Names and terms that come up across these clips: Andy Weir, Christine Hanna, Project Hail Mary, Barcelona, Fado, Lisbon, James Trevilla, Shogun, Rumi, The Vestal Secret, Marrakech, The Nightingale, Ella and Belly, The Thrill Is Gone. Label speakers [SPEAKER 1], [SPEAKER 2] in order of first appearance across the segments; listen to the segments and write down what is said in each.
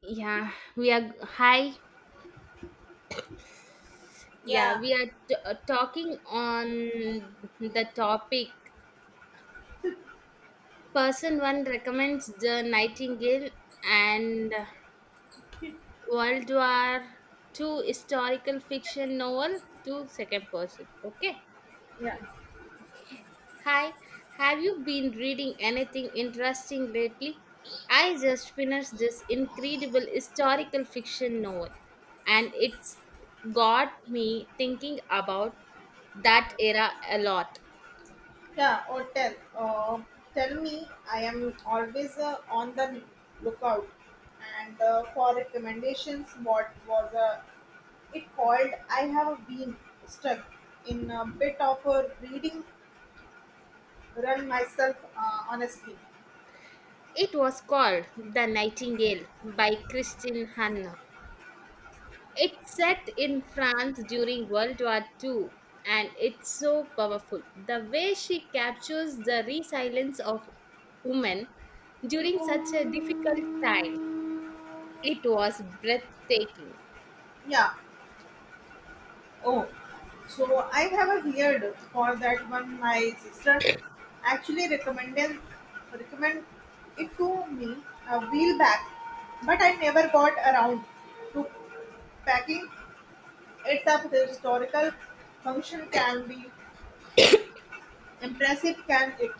[SPEAKER 1] Yeah, we are hi. Yeah,
[SPEAKER 2] Yeah,
[SPEAKER 1] we are talking on the topic. Person one recommends the Nightingale and World War II historical fiction novel to second person. Okay.
[SPEAKER 2] Yeah.
[SPEAKER 1] Hi, have you been reading anything interesting lately? I just finished this incredible historical fiction novel, and it's got me thinking about that era a lot.
[SPEAKER 2] yeah. Or tell, uh, tell me, I am always on the lookout and for recommendations. What was it called? I have been stuck in a bit of a reading run myself, honestly.
[SPEAKER 1] It was called The Nightingale by Christine Hanna. It's set in France during World War II, and it's so powerful. The way she captures the resilience of women during such a difficult time, it was breathtaking.
[SPEAKER 2] Yeah, Oh, so I have a heard for that one. My sister actually recommended recommend it to me a while back, but I never got around to packing. It's a historical function can be impressive, can it?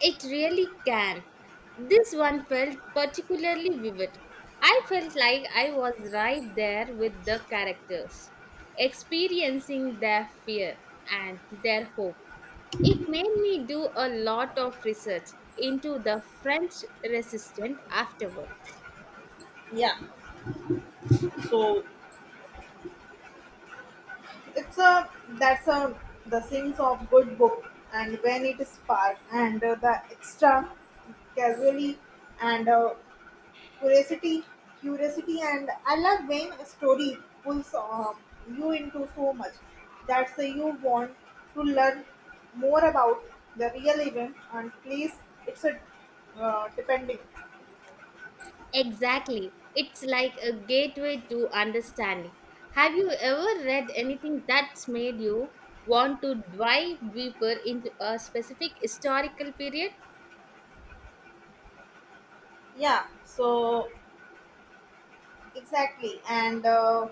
[SPEAKER 1] It really can. This one felt particularly vivid. I felt like I was right there with the characters, experiencing their fear and their hope. It made me do a lot of research into the French resistance afterwards.
[SPEAKER 2] Yeah. So it's a that's a the things of good book and when it is spark and the extra casually and Curiosity, curiosity, and I love when a story pulls you into so much that say you want to learn more about the real event and place. It's a depending.
[SPEAKER 1] Exactly. It's like a gateway to understanding. Have you ever read anything that's made you want to dive deeper into a specific historical period?
[SPEAKER 2] Yeah. So exactly, and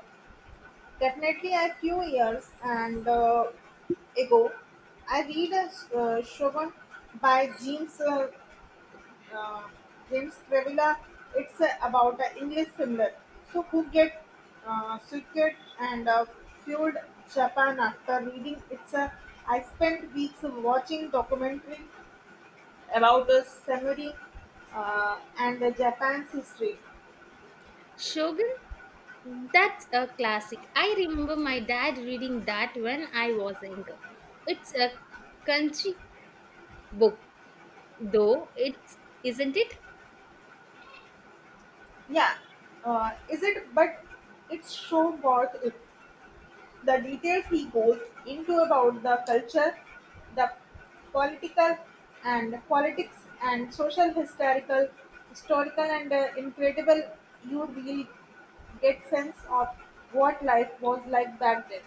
[SPEAKER 2] definitely a few years and ago, I read a Shogun by uh, James Trevilla. It's about an English similar. So who get sick and fueled Japan after reading it's I spent weeks watching documentary about the samurai and the Japan's history.
[SPEAKER 1] Shogun? That's a classic. I remember my dad reading that when I was younger. It's a country book, though, it's, isn't it?
[SPEAKER 2] Yeah, is it? But it's so worth it. The details he goes into about the culture, the political and politics and social historical and incredible you really get sense of what life was like back then.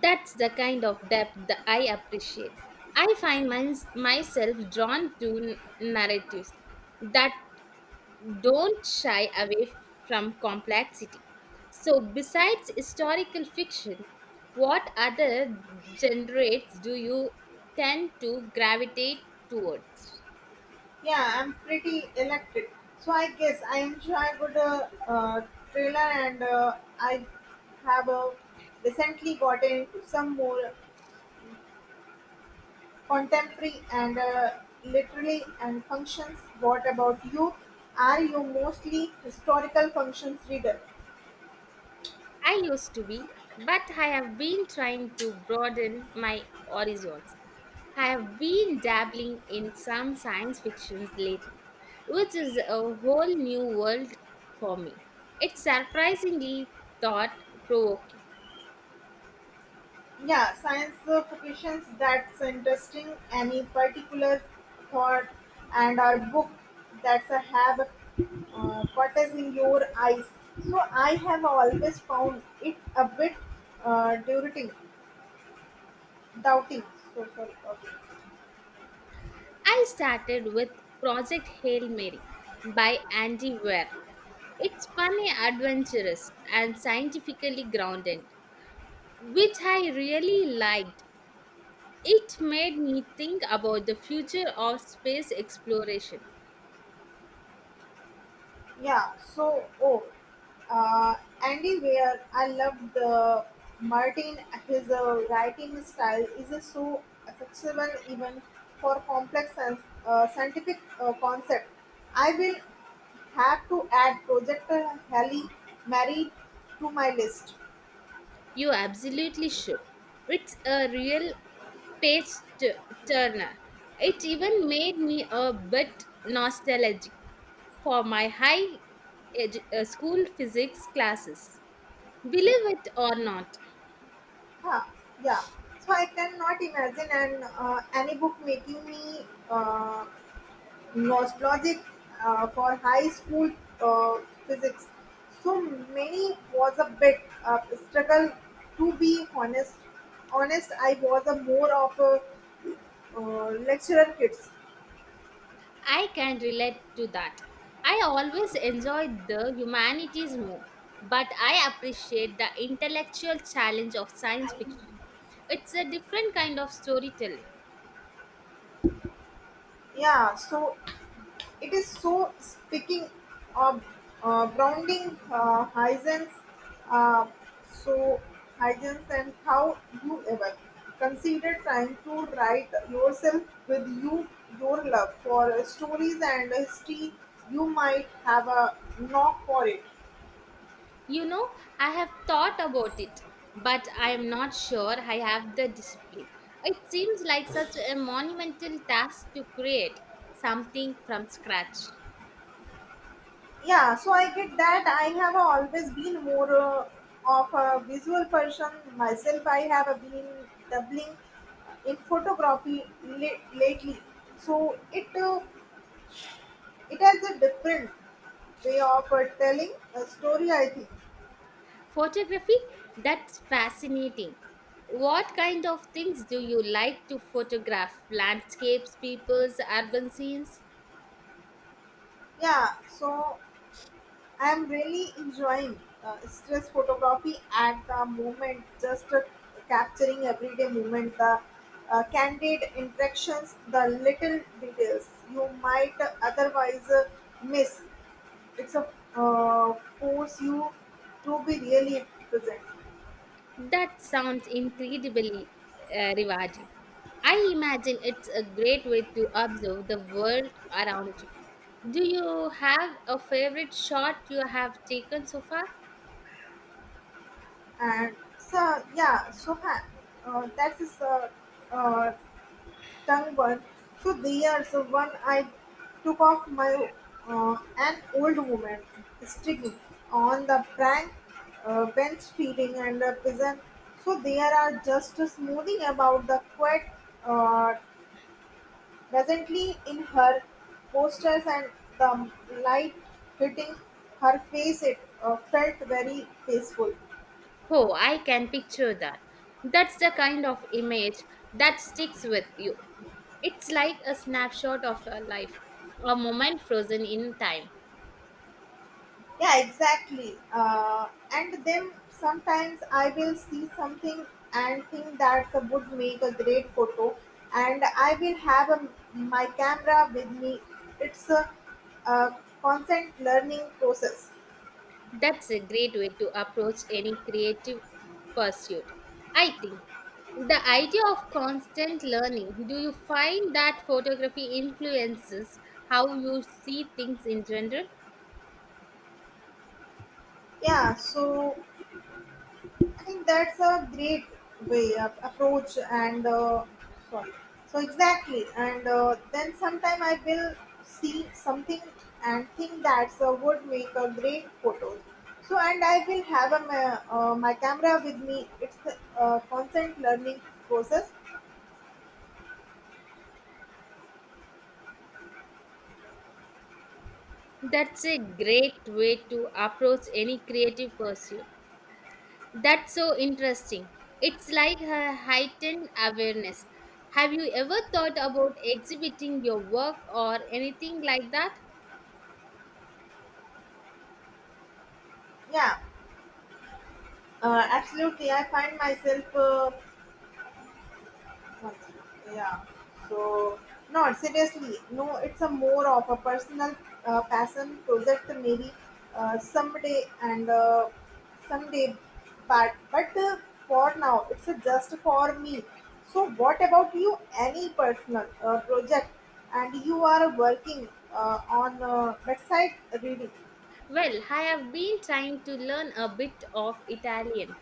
[SPEAKER 1] That's the kind of depth that I appreciate. I find myself drawn to narratives that don't shy away from complexity. So, besides historical fiction, what other genres do you tend to gravitate towards?
[SPEAKER 2] Yeah, I'm pretty electric. So I guess I am sure I got a trailer and I have recently gotten into some more contemporary and literary and functions. What about you? Are you mostly historical functions reader?
[SPEAKER 1] I used to be, but I have been trying to broaden my horizons. I have been dabbling in some science fictions lately, which is a whole new world for me. It's surprisingly thought provoking.
[SPEAKER 2] Yeah, science fictions, that's interesting. Any particular thought and a book that's a have quarters in your eyes. So I have always found it a bit uh, doubting, doubting. So sorry. Okay.
[SPEAKER 1] I started with Project Hail Mary by Andy Weir. It's funny, adventurous, and scientifically grounded, which I really liked. It made me think about the future of space exploration.
[SPEAKER 2] Yeah, so oh, uh, Andy Weir, I love the Martin. His writing style is so accessible even for complex and scientific concept. I will have to add Project Halle Mary to my list.
[SPEAKER 1] You absolutely should. It's a real page t- turner. It even made me a bit nostalgic for my high school physics classes. Believe it or not.
[SPEAKER 2] Huh, yeah, so I cannot imagine an any book making me. Nostalgic, logic for high school uh, physics. So many was a bit struggle. To be honest, I was a more of a lecturer kids.
[SPEAKER 1] I can relate to that. I always enjoyed the humanities more, but I appreciate the intellectual challenge of science fiction. It's a different kind of storytelling.
[SPEAKER 2] Yeah, so it is so speaking of grounding hygiene, uh, so hygiene. And how you ever consider trying to write yourself with you your love for stories and history, you might have a knock for it.
[SPEAKER 1] You know, I have thought about it, but I am not sure I have the discipline. It seems like such a monumental task to create something from scratch.
[SPEAKER 2] Yeah, so I get that. I have always been more of a visual person myself. I have been doubling in photography lately. So it has a different way of telling a story, I think.
[SPEAKER 1] Photography? That's fascinating. What kind of things do you like to photograph? Landscapes, peoples, urban scenes?
[SPEAKER 2] Yeah, so I'm really enjoying stress photography at the moment, just capturing everyday moment, the candid interactions, the little details you might otherwise miss. It's a force you to be really present.
[SPEAKER 1] That sounds incredibly rewarding. I imagine it's a great way to observe the world around you. Do you have a favorite shot you have taken so far?
[SPEAKER 2] And so, yeah, so ha- that is uh, tongue burn. So there's one I took off my an old woman sitting on the prank bench feeding and a pigeon. So there are just a smoothing about the quiet uh, presently in her posters and the light hitting her face. It felt very peaceful.
[SPEAKER 1] Oh, I can picture that. That's the kind of image that sticks with you. It's like a snapshot of a life, a moment frozen in time.
[SPEAKER 2] Yeah, exactly. And then sometimes I will see something and think that would make a great photo, and I will have a, my camera with me. It's a constant learning process.
[SPEAKER 1] That's a great way to approach any creative pursuit. I think the idea of constant learning, do you find that photography influences how you see things in general?
[SPEAKER 2] Yeah, so I think that's a great way of approach and sorry. So exactly, and then sometime I will see something and think that's would make a great photo. So and I will have a, my, my camera with me. It's a constant learning process.
[SPEAKER 1] That's a great way to approach any creative pursuit. That's so interesting. It's like a heightened awareness. Have you ever thought about exhibiting your work or anything like that?
[SPEAKER 2] Yeah, absolutely. I find myself. Yeah. So no, seriously, no. It's a more of a personal passion project, maybe uh, someday and uh, someday, but for now, it's just for me. So what about you? Any personal project, and you are working on website reading.
[SPEAKER 1] Well, I have been trying to learn a bit of Italian.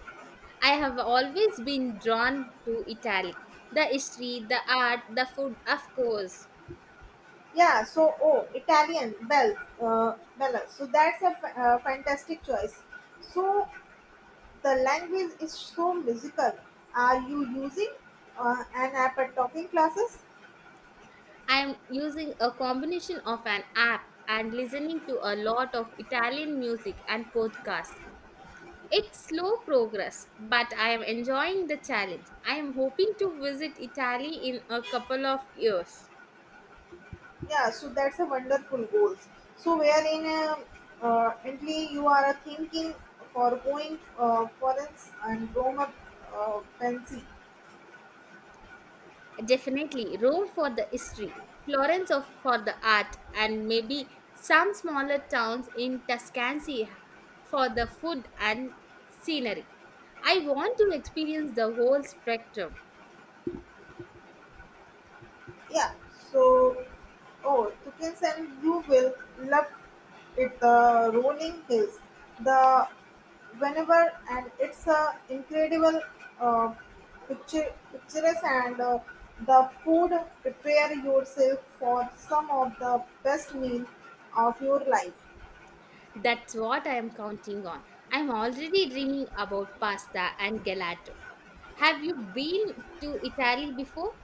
[SPEAKER 1] I have always been drawn to Italy. The history, the art, the food, of course.
[SPEAKER 2] Yeah. Italian Bella. So that's a fantastic choice. So the language is so musical. Are you using an app at talking classes?
[SPEAKER 1] I am using a combination of an app and listening to a lot of Italian music and podcasts. It's slow progress, but I am enjoying the challenge. I am hoping to visit Italy in a couple of years.
[SPEAKER 2] Yeah, so that's a wonderful goals. So wherein only you are thinking for going foreign and Roma fancy.
[SPEAKER 1] Definitely, Rome for the history, Florence for the art, and maybe some smaller towns in Tuscany for the food and scenery. I want to experience the whole spectrum.
[SPEAKER 2] Yeah. So, oh, Tukins, and you will love it. The rolling hills, the whenever, and it's a incredible uh, pictures and the food. Prepare yourself for some of the best meal of your life.
[SPEAKER 1] That's what I am counting on. I'm already dreaming about pasta and gelato. Have you been to Italy before?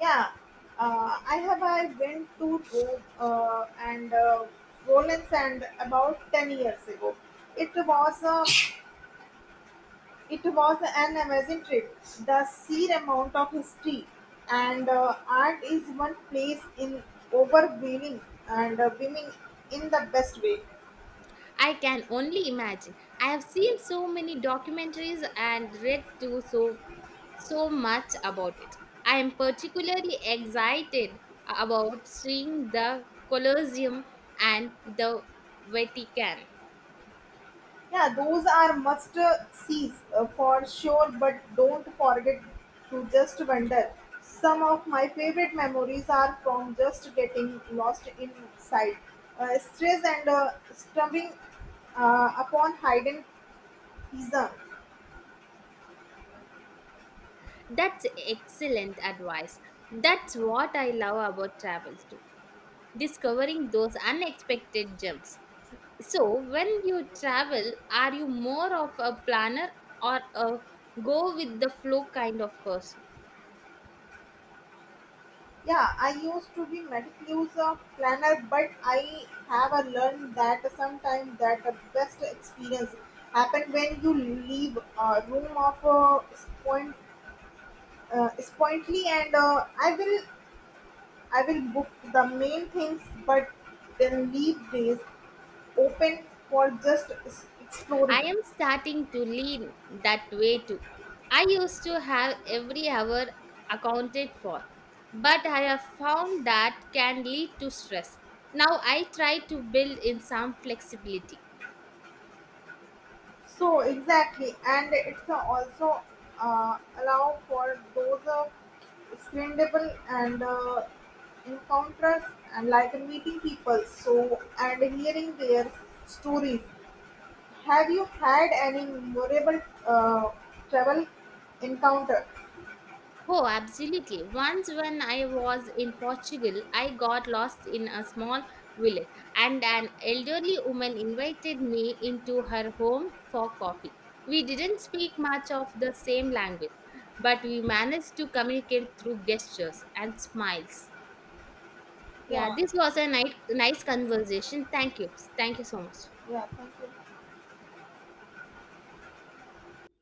[SPEAKER 2] Yeah. I went to Rome and Rollins and about 10 years ago. It was a It was an amazing trip. The sheer amount of history and art is one place in overwhelming and beaming in the best way.
[SPEAKER 1] I can only imagine. I have seen so many documentaries and read too so much about it. I am particularly excited about seeing the Colosseum and the Vatican.
[SPEAKER 2] Yeah, those are must sees for sure, but don't forget to just wander. Some of my favorite memories are from just getting lost inside, stress and stumbling upon hidden gems.
[SPEAKER 1] That's excellent advice. That's what I love about travel too. Discovering those unexpected gems. So, when you travel, are you more of a planner or a go with the flow kind of person?
[SPEAKER 2] Yeah, I used to be medic use planner, but I have a learned that sometimes that the best experience happen when you leave a room of point, spointly and I will book the main things, but then leave days open for just
[SPEAKER 1] I
[SPEAKER 2] exploring.
[SPEAKER 1] am starting to lean that way too. I used to have every hour accounted for, but I have found that can lead to stress. Now I try to build in some flexibility.
[SPEAKER 2] So exactly, and it's also allow for those screenable and encounters and like meeting people. So and hearing their stories. Have you had any memorable uh, travel encounter?
[SPEAKER 1] Oh, absolutely. Once when I was in Portugal, I got lost in a small village and an elderly woman invited me into her home for coffee. We didn't speak much of the same language, but we managed to communicate through gestures and smiles. Yeah,
[SPEAKER 2] Yeah,
[SPEAKER 1] this was a nice, nice conversation. Thank you. Thank you so much.
[SPEAKER 2] yeah. Thank you.